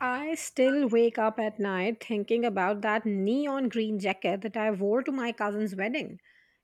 I still wake up at night thinking about that neon green jacket that I wore to my cousin's wedding.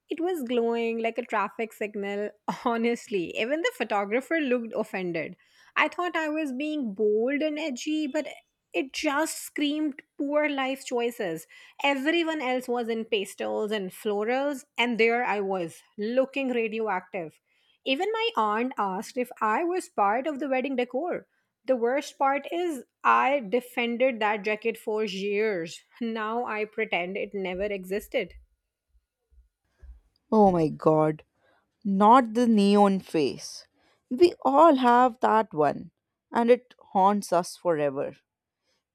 It was glowing like a traffic signal. Honestly, even the photographer looked offended. I thought I was being bold and edgy, but it just screamed poor life choices. Everyone else was in pastels and florals, and there I was, looking radioactive. Even my aunt asked if I was part of the wedding decor. The worst part is, I defended that jacket for years. Now I pretend it never existed. Oh my god, not the neon face. We all have that one, and it haunts us forever.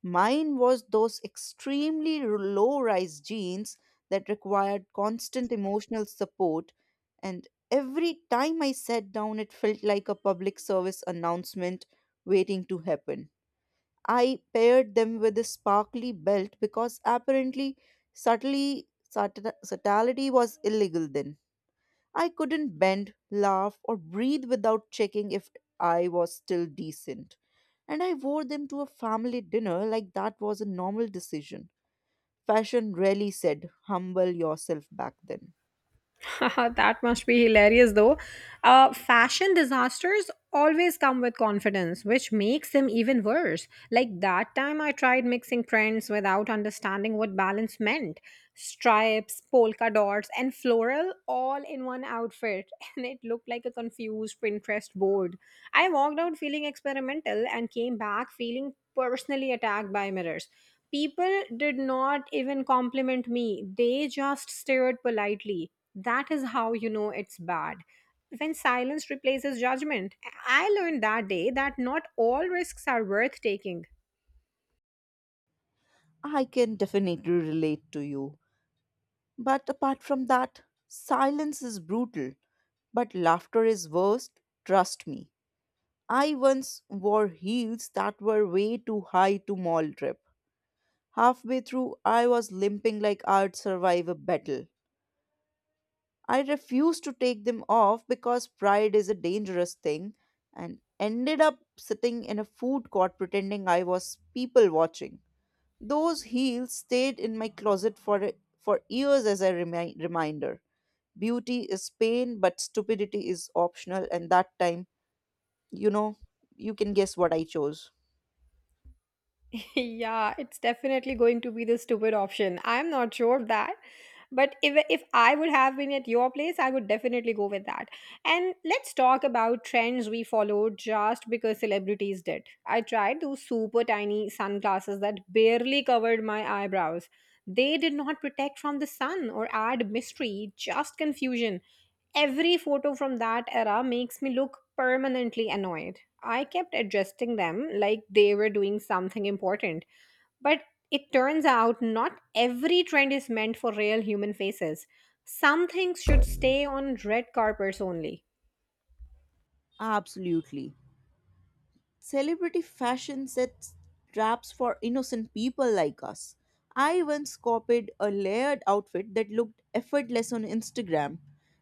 Mine was those extremely low rise jeans that required constant emotional support, and every time I sat down, it felt like a public service announcement waiting to happen. I paired them with a sparkly belt because apparently subtly, subtlety was illegal then. I couldn't bend, laugh, or breathe without checking if I was still decent. And I wore them to a family dinner like that was a normal decision. Fashion really said, humble yourself back then. That must be hilarious though. Fashion disasters always come with confidence, which makes them even worse. Like that time I tried mixing prints without understanding what balance meant. Stripes, polka dots, and floral all in one outfit, and it looked like a confused Pinterest board. I walked out feeling experimental and came back feeling personally attacked by mirrors. People did not even compliment me, they just stared politely. That is how you know it's bad. When silence replaces judgment, I learned that day that not all risks are worth taking. I can definitely relate to you. But apart from that, silence is brutal. But laughter is worst, trust me. I once wore heels that were way too high to mall trip. Halfway through, I was limping like I'd survive a battle. I refused to take them off because pride is a dangerous thing and ended up sitting in a food court pretending I was people watching. Those heels stayed in my closet for years as a reminder. Beauty is pain, but stupidity is optional, and that time, you know, you can guess what I chose. Yeah, it's definitely going to be the stupid option. I'm not sure of that. But if I would have been at your place, I would definitely go with that. And let's talk about trends we followed just because celebrities did. I tried those super tiny sunglasses that barely covered my eyebrows. They did not protect from the sun or add mystery, just confusion. Every photo from that era makes me look permanently annoyed. I kept adjusting them like they were doing something important, but it turns out not every trend is meant for real human faces. Some things should stay on red carpets only. Absolutely. Celebrity fashion sets traps for innocent people like us. I once copied a layered outfit that looked effortless on Instagram,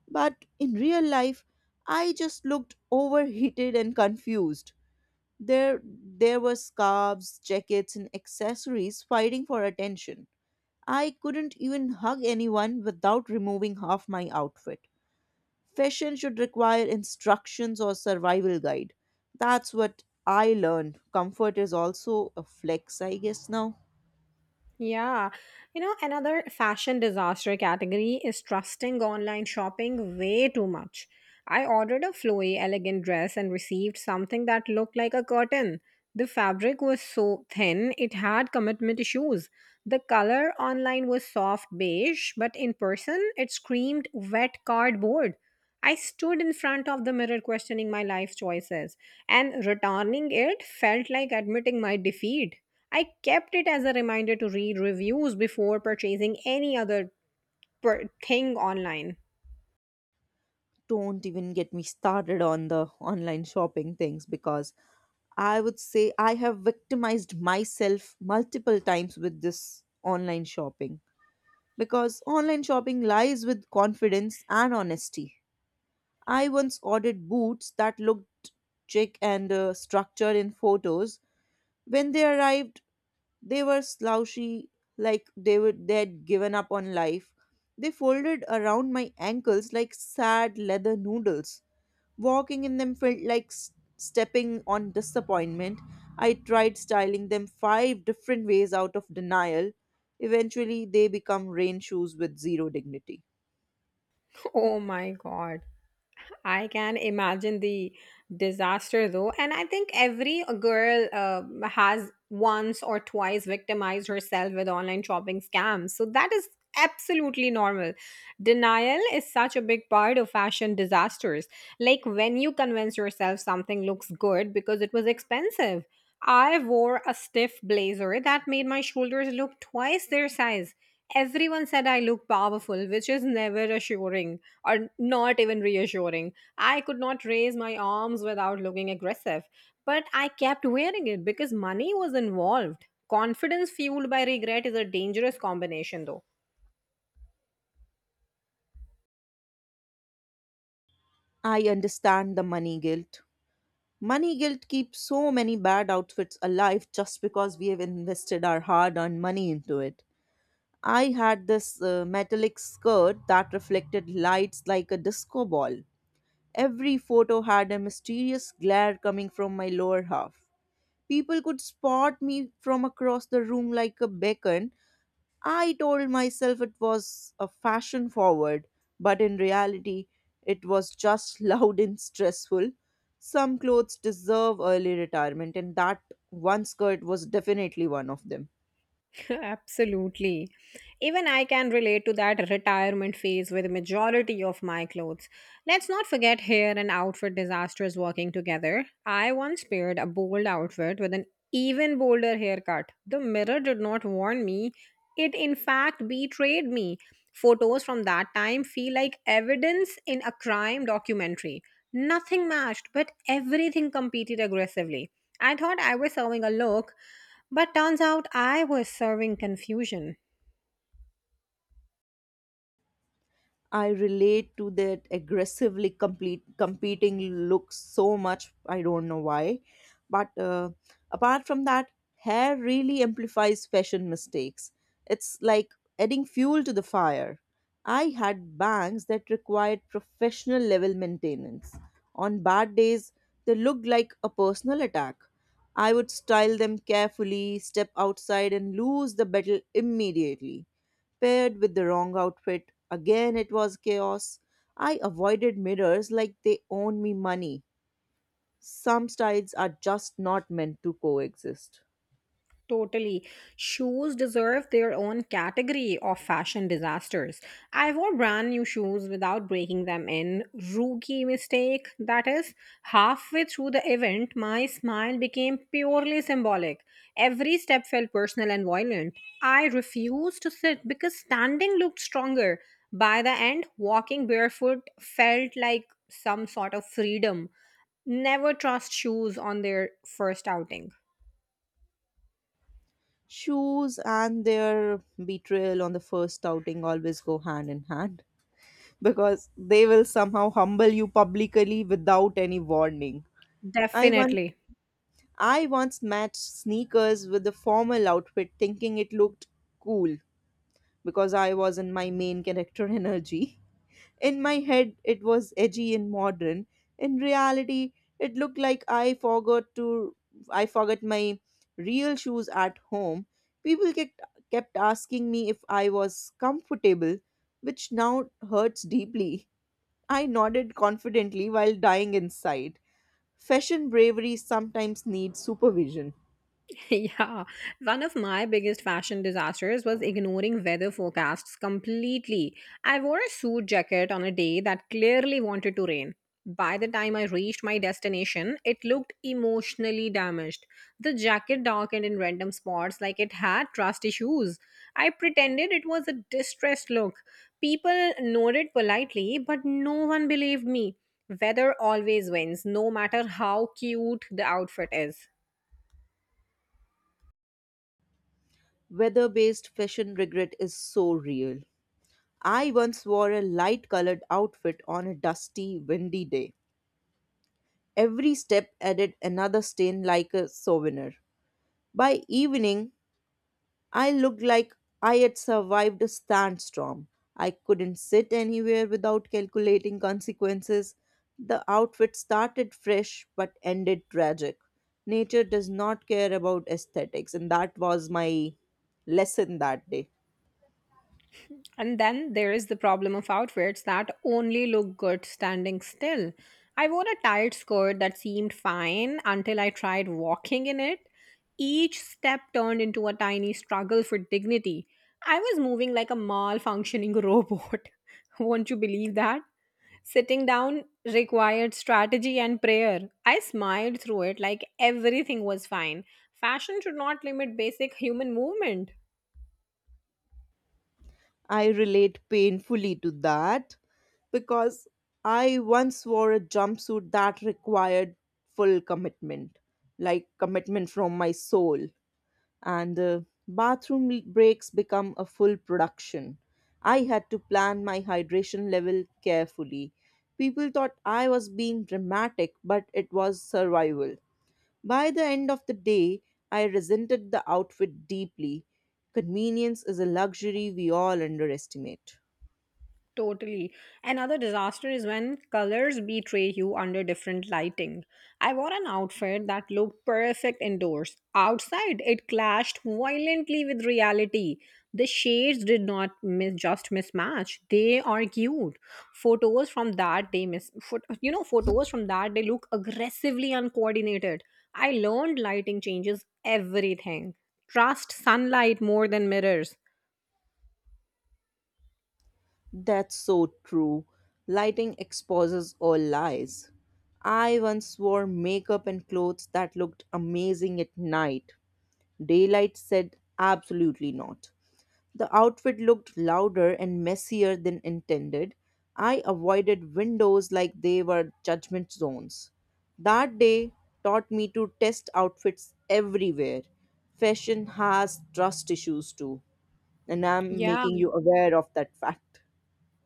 but in real life, I just looked overheated and confused. There were scarves, jackets, and accessories fighting for attention. I couldn't even hug anyone without removing half my outfit. Fashion should require instructions or survival guide. That's what I learned. Comfort is also a flex, I guess now. Yeah. You know, another fashion disaster category is trusting online shopping way too much. I ordered a flowy, elegant dress and received something that looked like a curtain. The fabric was so thin, it had commitment issues. The color online was soft beige, but in person, it screamed wet cardboard. I stood in front of the mirror questioning my life choices, and returning it felt like admitting my defeat. I kept it as a reminder to read reviews before purchasing any other thing online. Don't even get me started on the online shopping things, because I would say I have victimized myself multiple times with this online shopping, because online shopping lies with confidence and honesty. I once ordered boots that looked chic and structured in photos. When they arrived, they were slouchy, like they were dead, given up on life. They folded around my ankles like sad leather noodles. Walking in them felt like stepping on disappointment. I tried styling them five different ways out of denial. Eventually, they become rain shoes with zero dignity. Oh my god. I can imagine the disaster though. And I think every girl has once or twice victimized herself with online shopping scams. So that is absolutely normal. Denial is such a big part of fashion disasters. Like when you convince yourself something looks good because it was expensive. I wore a stiff blazer that made my shoulders look twice their size. Everyone said I looked powerful, which is never assuring or not even reassuring. I could not raise my arms without looking aggressive, but I kept wearing it because money was involved. Confidence fueled by regret is a dangerous combination, though. I understand the money guilt. Money guilt keeps so many bad outfits alive just because we have invested our hard earned money into it. I had this metallic skirt that reflected lights like a disco ball. Every photo had a mysterious glare coming from my lower half. People could spot me from across the room like a beacon. I told myself it was a fashion forward, but in reality, it was just loud and stressful. Some clothes deserve early retirement, and that one skirt was definitely one of them. Absolutely. Even I can relate to that retirement phase with majority of my clothes. Let's not forget hair and outfit disasters working together. I once paired a bold outfit with an even bolder haircut. The mirror did not warn me. It in fact betrayed me. Photos from that time feel like evidence in a crime documentary. Nothing matched, but everything competed aggressively. I thought I was serving a look, but turns out I was serving confusion. I relate to that aggressively complete competing look so much. I don't know why, but apart from that, hair really amplifies fashion mistakes. It's like adding fuel to the fire. I had bangs that required professional level maintenance. On bad days, they looked like a personal attack. I would style them carefully, step outside, and lose the battle immediately paired with the wrong outfit. Again, it was chaos. I avoided mirrors like they own me money. Some styles are just not meant to coexist. Totally. Shoes deserve their own category of fashion disasters. I wore brand new shoes without breaking them in. Rookie mistake, that is. Halfway through the event, my smile became purely symbolic. Every step felt personal and violent. I refused to sit because standing looked stronger. By the end, walking barefoot felt like some sort of freedom. Never trust shoes on their first outing. Shoes and their betrayal on the first outing always go hand in hand because they will somehow humble you publicly without any warning. I once, Definitely. I once matched sneakers with a formal outfit thinking it looked cool because I was in my main character energy. In my head, it was edgy and modern. In reality, it looked like I forgot my real shoes at home. People kept asking me if I was comfortable, which now hurts deeply. I nodded confidently while dying inside. Fashion bravery sometimes needs supervision. Yeah, one of my biggest fashion disasters was ignoring weather forecasts completely. I wore a suit jacket on a day that clearly wanted to rain. By the time I reached my destination, it looked emotionally damaged. The jacket darkened in random spots like it had trust issues. I pretended it was a distressed look. People nodded politely, but no one believed me. Weather always wins, no matter how cute the outfit is. Weather based fashion regret is so real. I once wore a light colored outfit on a dusty, windy day. Every step added another stain like a souvenir. By evening, I looked like I had survived a sandstorm. I couldn't sit anywhere without calculating consequences. The outfit started fresh but ended tragic. Nature does not care about aesthetics, and that was my lesson that day. And then there is the problem of outfits that only look good standing still. I wore a tight skirt that seemed fine until I tried walking in it. Each step turned into a tiny struggle for dignity. I was moving like a malfunctioning robot. Won't you believe that? Sitting down required strategy and prayer. I smiled through it like everything was fine. Fashion should not limit basic human movement. I relate painfully to that, because I once wore a jumpsuit that required full commitment, like commitment from my soul, and bathroom breaks become a full production. I had to plan my hydration level carefully. People thought I was being dramatic, but it was survival. By the end of the day, I resented the outfit deeply. Convenience is a luxury we all underestimate. Totally. Another disaster is when colors betray you under different lighting. I wore an outfit that looked perfect indoors. Outside, it clashed violently with reality. The shades did not mis just mismatch. They argued. Photos from that day look aggressively uncoordinated. I learned lighting changes everything. Trust sunlight more than mirrors. That's so true. Lighting exposes all lies. I once wore makeup and clothes that looked amazing at night. Daylight said absolutely not. The outfit looked louder and messier than intended. I avoided windows like they were judgment zones. That day taught me to test outfits everywhere. Fashion has trust issues too, and I'm Yeah, making you aware of that fact.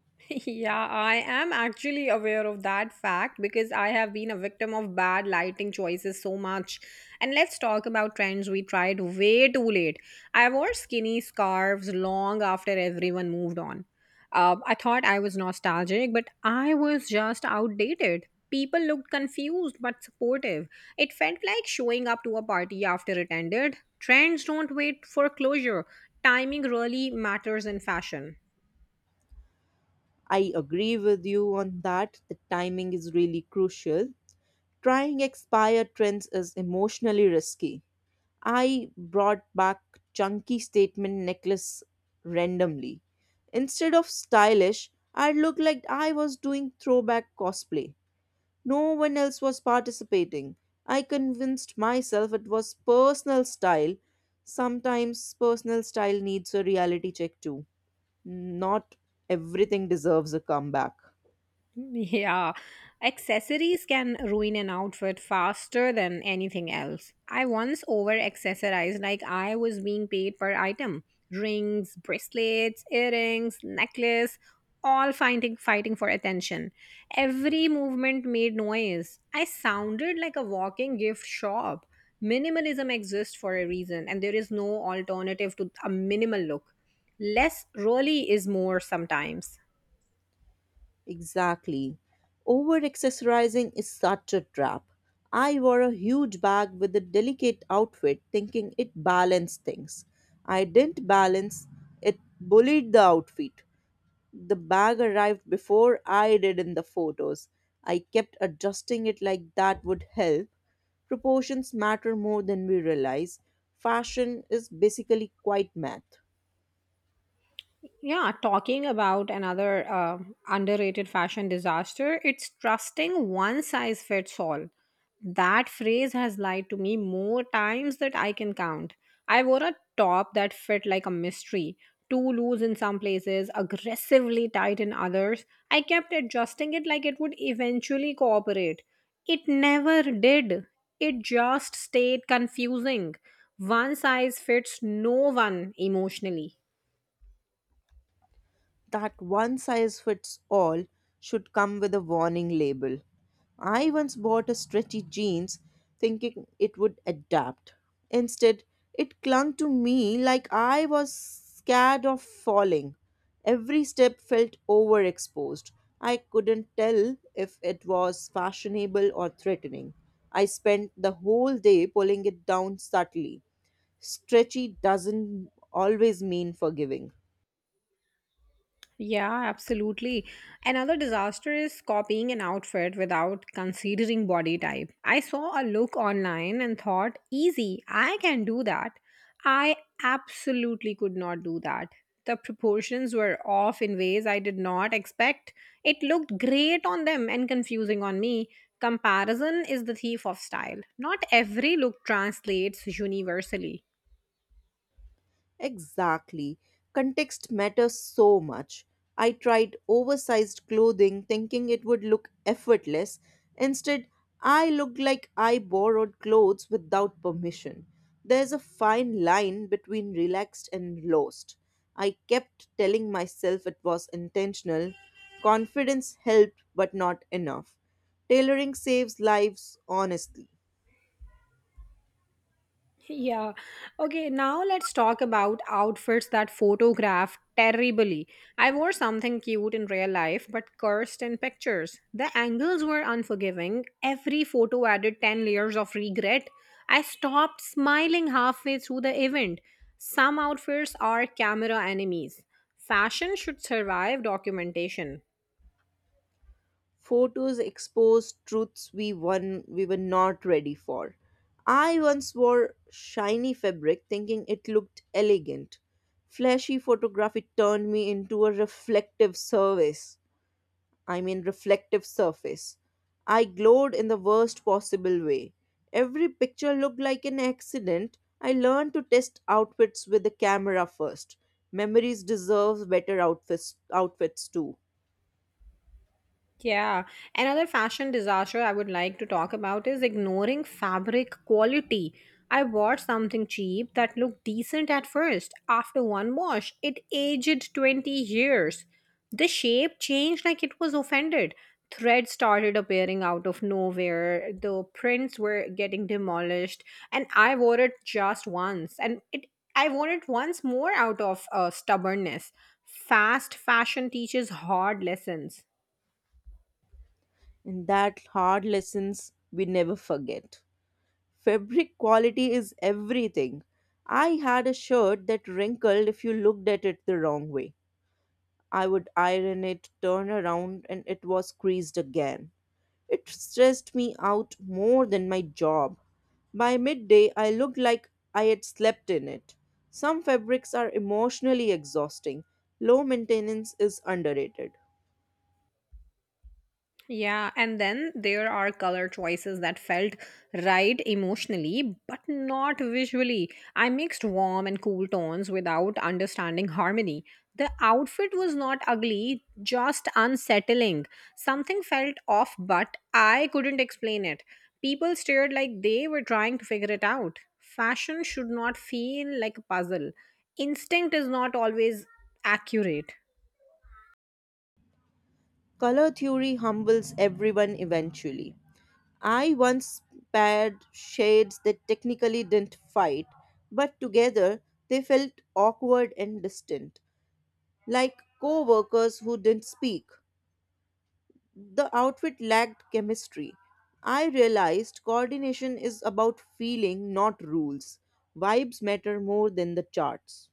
Yeah, I am actually aware of that fact because I have been a victim of bad lighting choices so much. And let's talk about trends we tried way too late. I wore skinny scarves long after everyone moved on. I thought I was nostalgic, but I was just outdated. People looked confused but supportive. It felt like showing up to a party after it ended. Trends don't wait for closure. Timing really matters in fashion. I agree with you on that. The timing is really crucial. Trying expired trends is emotionally risky. I brought back chunky statement necklace randomly. Instead of stylish, I looked like I was doing throwback cosplay. No one else was participating. I convinced myself it was personal style. Sometimes personal style needs a reality check too. Not everything deserves a comeback. Yeah, accessories can ruin an outfit faster than anything else. I once over accessorized like I was being paid per item rings, bracelets, earrings, necklace, all fighting for attention. Every movement made noise. I sounded like a walking gift shop. Minimalism exists for a reason, and there is no alternative to a minimal look. Less really is more sometimes. Exactly. Over accessorizing is such a trap. I wore a huge bag with a delicate outfit thinking it balanced things. I didn't balance, it bullied the outfit. The bag arrived before I did in the photos. I kept adjusting it like that would help. Proportions matter more than we realize. Fashion is basically quite math. Yeah, talking about another underrated fashion disaster, it's trusting one size fits all. That phrase has lied to me more times that I can count. I wore a top that fit like a mystery, too loose in some places, aggressively tight in others. I kept adjusting it like it would eventually cooperate. It never did. It just stayed confusing. One size fits no one emotionally. That one size fits all should come with a warning label. I once bought a stretchy jeans thinking it would adapt. Instead, it clung to me like I was scared of falling. Every step felt overexposed. I couldn't tell if it was fashionable or threatening. I spent the whole day pulling it down subtly. Stretchy doesn't always mean forgiving. Yeah, absolutely. Another disaster is copying an outfit without considering body type. I saw a look online and thought, easy, I can do that. I absolutely could not do that. The proportions were off in ways I did not expect. It looked great on them and confusing on me. Comparison is the thief of style. Not every look translates universally. Exactly. Context matters so much. I tried oversized clothing thinking it would look effortless. Instead, I looked like I borrowed clothes without permission. There's a fine line between relaxed and lost. I kept telling myself it was intentional. Confidence helped, but not enough. Tailoring saves lives, honestly. Yeah. Okay, now let's talk about outfits that photograph terribly. I wore something cute in real life but cursed in pictures. The angles were unforgiving. Every photo added 10 layers of regret. I stopped smiling halfway through the event. Some outfits are camera enemies. Fashion should survive documentation. Photos exposed truths we were not ready for. I once wore shiny fabric thinking it looked elegant. Flashy photography turned me into a reflective service. I mean reflective surface. I glowed in the worst possible way. Every picture looked like an accident. I learned to test outfits with the camera first. Memories deserve better outfits too. Yeah. Another fashion disaster I would like to talk about is ignoring fabric quality. I bought something cheap that looked decent at first. After one wash, it aged 20 years. The shape changed like it was offended. Threads started appearing out of nowhere. The prints were getting demolished. And I wore it just once. And it I wore it once more out of stubbornness. Fast fashion teaches hard lessons. And that hard lessons we never forget. Fabric quality is everything. I had a shirt that wrinkled if you looked at it the wrong way. I would iron it, turn around, and it was creased again. It stressed me out more than my job. By midday, I looked like I had slept in it. Some fabrics are emotionally exhausting. Low maintenance is underrated. Yeah, and then there are color choices that felt right emotionally but not visually. I mixed warm and cool tones without understanding harmony. The outfit was not ugly, just unsettling. Something felt off, but I couldn't explain it. People stared like they were trying to figure it out. Fashion should not feel like a puzzle. Instinct is not always accurate. Color theory humbles everyone eventually. I once paired shades that technically didn't fight, but together they felt awkward and distant, like co workers who didn't speak. The outfit lacked chemistry. I realized coordination is about feeling, not rules. Vibes matter more than the charts.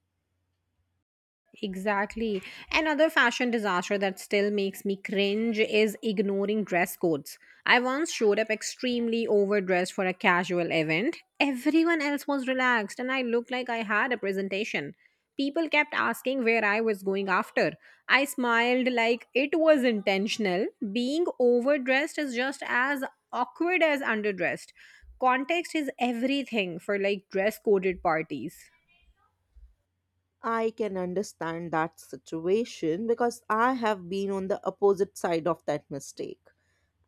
Exactly. Another fashion disaster that still makes me cringe is ignoring dress codes. I once showed up extremely overdressed for a casual event. Everyone else was relaxed, and I looked like I had a presentation. People kept asking where I was going after. I smiled like it was intentional. Being overdressed is just as awkward as underdressed. Context is everything for like dress coded parties. I can understand that situation, because I have been on the opposite side of that mistake.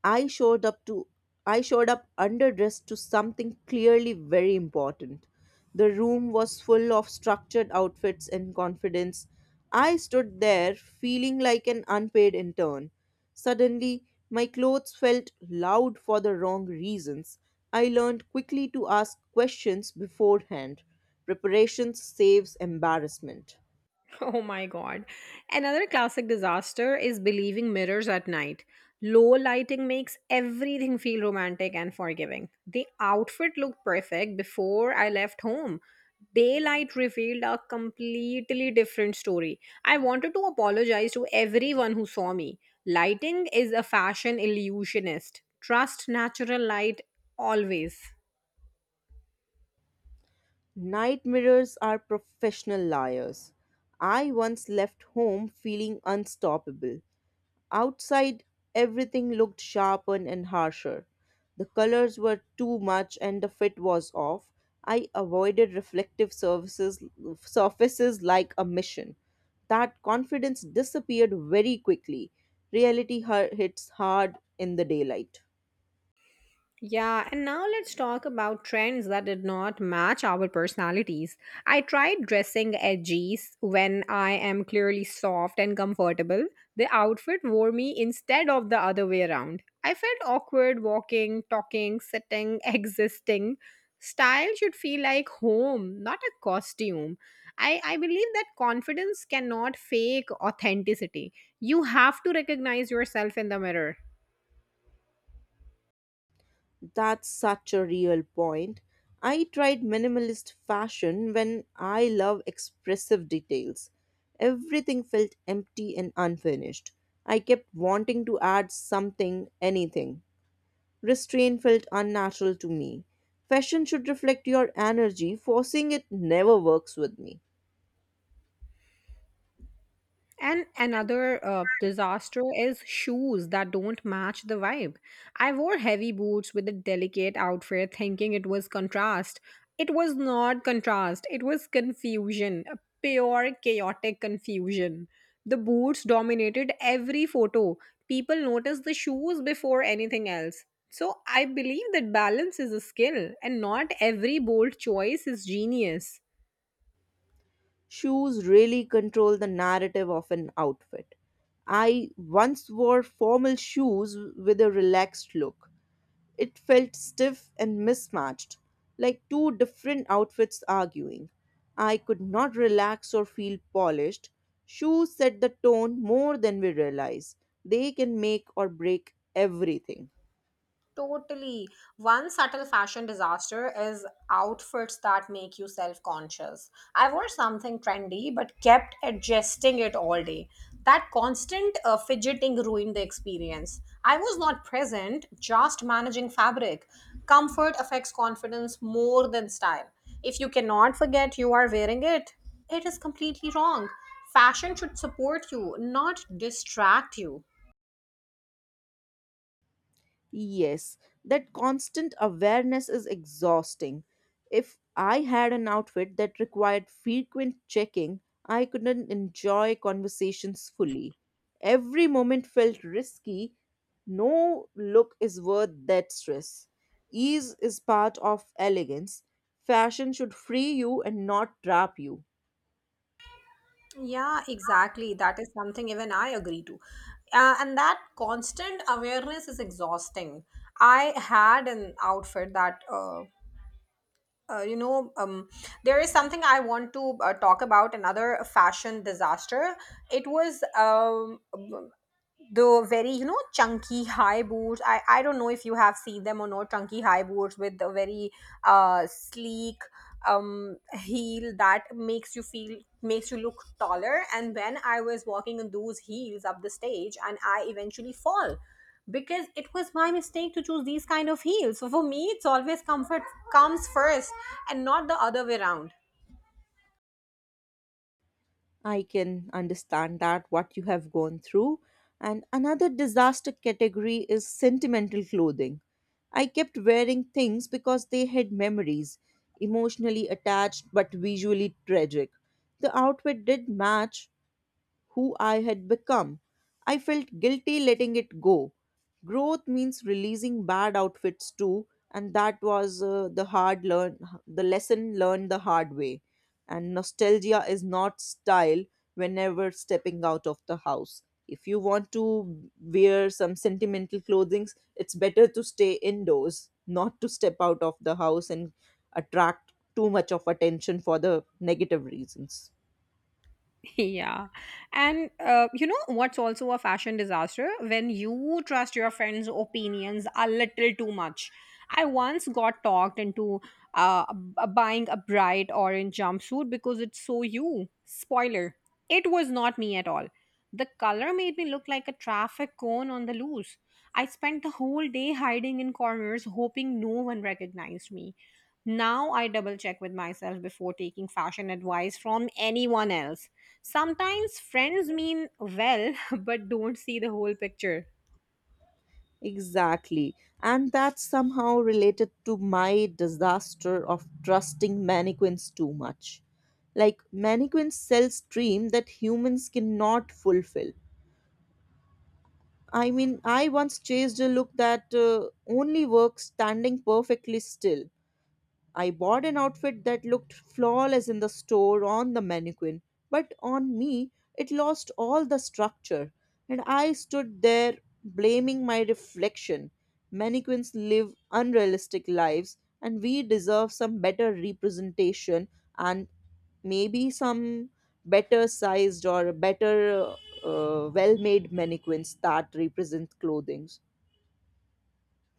I showed up to I showed up underdressed to something clearly very important. The room was full of structured outfits and confidence. I stood there feeling like an unpaid intern. Suddenly, my clothes felt loud for the wrong reasons. I learned quickly to ask questions beforehand. Preparation saves embarrassment. Oh my god. Another classic disaster is believing mirrors at night. Low lighting makes everything feel romantic and forgiving. The outfit looked perfect before I left home. Daylight revealed a completely different story. I wanted to apologize to everyone who saw me. Lighting is a fashion illusionist. Trust natural light always. Night mirrors are professional liars. I once left home feeling unstoppable. Outside, everything looked sharper and harsher. The colors were too much and the fit was off. I avoided reflective surfaces like a mission. That confidence disappeared very quickly. Reality hits hard in the daylight. Yeah, and now let's talk about trends that did not match our personalities. I tried dressing edgy when I am clearly soft and comfortable. The outfit wore me instead of the other way around. I felt awkward walking, talking, sitting, existing. Style should feel like home, not a costume. I believe that confidence cannot fake authenticity. You have to recognize yourself in the mirror. That's such a real point. I tried minimalist fashion when I love expressive details. Everything felt empty and unfinished. I kept wanting to add something, anything. Restraint felt unnatural to me. Fashion should reflect your energy, forcing it never works with me. And another disaster is shoes that don't match the vibe. I wore heavy boots with a delicate outfit thinking it was contrast. It was not contrast, it was confusion, a pure chaotic confusion. The boots dominated every photo. People noticed the shoes before anything else. So I believe that balance is a skill, and not every bold choice is genius. Shoes really control the narrative of an outfit. I once wore formal shoes with a relaxed look. It felt stiff and mismatched, like two different outfits arguing. I could not relax or feel polished. Shoes set the tone more than we realize. They can make or break everything. Totally. One subtle fashion disaster is outfits that make you self conscious. I wore something trendy but kept adjusting it all day. That constant fidgeting ruined the experience. I was not present, just managing fabric. Comfort affects confidence more than style. If you cannot forget you are wearing it, it is completely wrong. Fashion should support you, not distract you. Yes, that constant awareness is exhausting. If I had an outfit that required frequent checking, I couldn't enjoy conversations fully. Every moment felt risky. No look is worth that stress. Ease is part of elegance. Fashion should free you and not trap you. Yeah, exactly. That is something even I agree to. And that constant awareness is exhausting. I had an outfit that, you know, There is something I want to talk about another fashion disaster. It was the very chunky high boots, I don't know if you have seen them or not. Chunky high boots with the very sleek heel that makes you feel, makes you look taller. And when I was walking in those heels up the stage, and I eventually fall, because it was my mistake to choose these kind of heels. So for me it's always comfort comes first, and not the other way around. I can understand that what you have gone through. And another disaster category is sentimental clothing. I kept wearing things because they had memories, emotionally attached but visually tragic. The outfit did match, who I had become. I felt guilty letting it go. Growth means releasing bad outfits too, and that was, the lesson learned the hard way. And nostalgia is not style whenever stepping out of the house. If you want to wear some sentimental clothing, it's better to stay indoors, not to step out of the house and attract too much of attention for the negative reasons. Yeah. And you know what's also a fashion disaster? When you trust your friends' opinions a little too much. I once got talked into buying a bright orange jumpsuit because it's so you. Spoiler, it was not me at all. The color made me look like a traffic cone on the loose. I spent the whole day hiding in corners, hoping no one recognized me. Now I double check with myself before taking fashion advice from anyone else. Sometimes friends mean well but don't see the whole picture. Exactly. And that's somehow related to my disaster of trusting mannequins too much. Like, mannequins sells dream that humans cannot fulfill. I mean, I once chased a look that only works standing perfectly still. I bought an outfit that looked flawless in the store on the mannequin, but on me, it lost all the structure, and I stood there blaming my reflection. Mannequins live unrealistic lives, and we deserve some better representation and maybe some better sized or better, well made mannequins that represent clothing.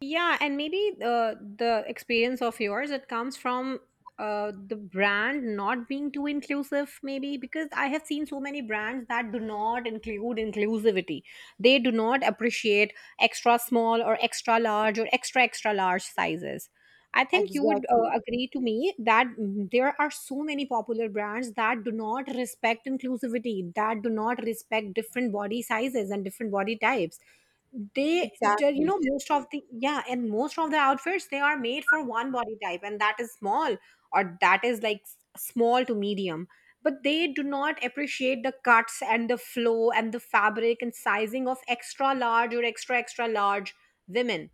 Yeah, and maybe the experience of yours, it comes from the brand not being too inclusive, maybe because I have seen so many brands that do not include inclusivity. They do not appreciate extra small or extra large or extra extra large sizes. I think you would Exactly, agree to me that there are so many popular brands that do not respect inclusivity, that do not respect different body sizes and different body types. they ju- you exactly. know most of the, yeah, and most of the outfits, they are made for one body type, and that is small, or that is like small to medium. But they do not appreciate the cuts and the flow and the fabric and sizing of extra large or extra extra large women.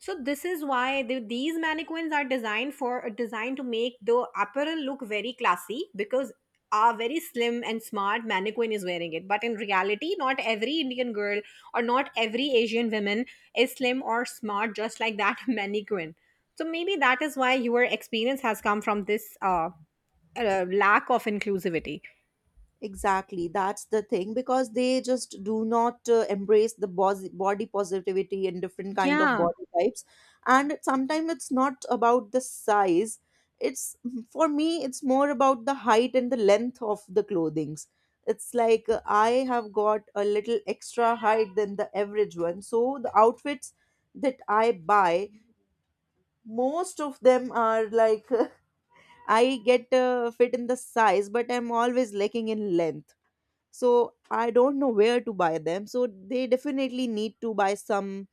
So this is why these mannequins are designed for, designed to make the apparel look very classy, because a very slim and smart mannequin is wearing it. But in reality, not every Indian girl or not every Asian woman is slim or smart just like that mannequin. So maybe that is why your experience has come from this lack of inclusivity. Exactly, that's the thing, because they just do not embrace the body positivity and different kind of Yeah, body types. And sometimes it's not about the size. It's for me, it's more about the height and the length of the clothings. It's like, I have got a little extra height than the average one. So the outfits that I buy, most of them are like I get, fit in the size, but I'm always lacking in length. So I don't know where to buy them, so they definitely need to buy some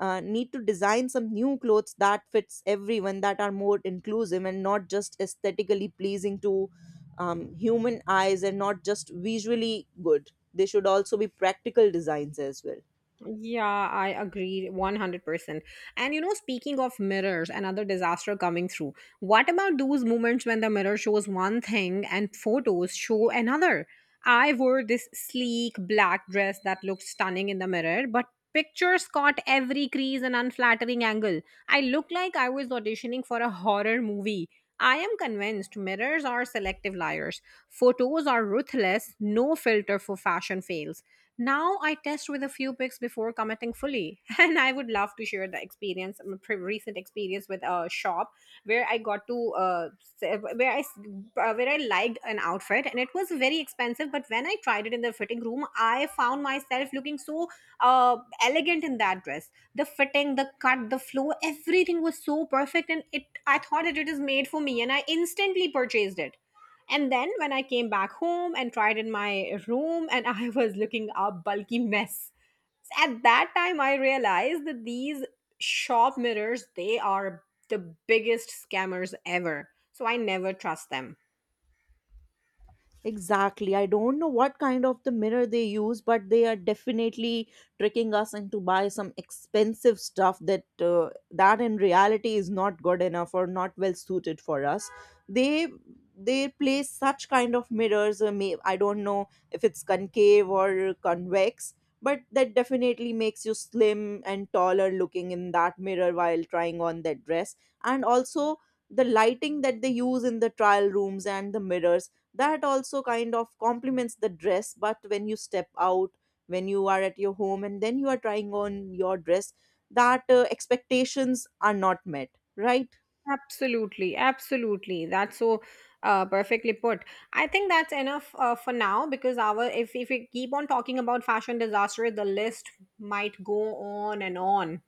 uh, need to design some new clothes that fits everyone, that are more inclusive and not just aesthetically pleasing to, human eyes, and not just visually good. They should also be practical designs as well. yeah, I agree 100%. And you know, speaking of mirrors, another disaster coming through. What about those moments when the mirror shows one thing and photos show another? I wore this sleek black dress that looked stunning in the mirror, but pictures caught every crease and unflattering angle. I looked like I was auditioning for a horror movie. I am convinced mirrors are selective liars. Photos are ruthless, no filter for fashion fails. Now I test with a few picks before committing fully, and I would love to share the experience, my recent experience with a shop where I got to where I liked an outfit, and it was very expensive. But when I tried it in the fitting room, I found myself looking so uh, elegant in that dress. The fitting, the cut, the flow, everything was so perfect, and it I thought that it is made for me, and I instantly purchased it. And then when I came back home and tried in my room, and I was looking a bulky mess. At that time, I realized that these shop mirrors, they are the biggest scammers ever. So I never trust them. Exactly. I don't know what kind of the mirror they use, but they are definitely tricking us into buy some expensive stuff that, that in reality is not good enough or not well suited for us. They they place such kind of mirrors. I don't know if it's concave or convex, but that definitely makes you slim and taller looking in that mirror while trying on that dress. And also the lighting that they use in the trial rooms and the mirrors that also kind of complements the dress, but when you step out, when you are at your home and then you are trying on your dress, that, expectations are not met, right? Absolutely, absolutely. That's so perfectly put. I think that's enough for now, because our, if we keep on talking about fashion disaster, the list might go on and on.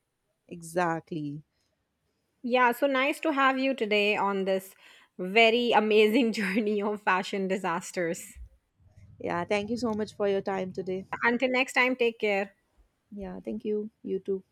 Exactly. Yeah, so nice to have you today on this very amazing journey of fashion disasters. Yeah, thank you so much for your time today. Until next time, take care. Yeah, thank you. You too.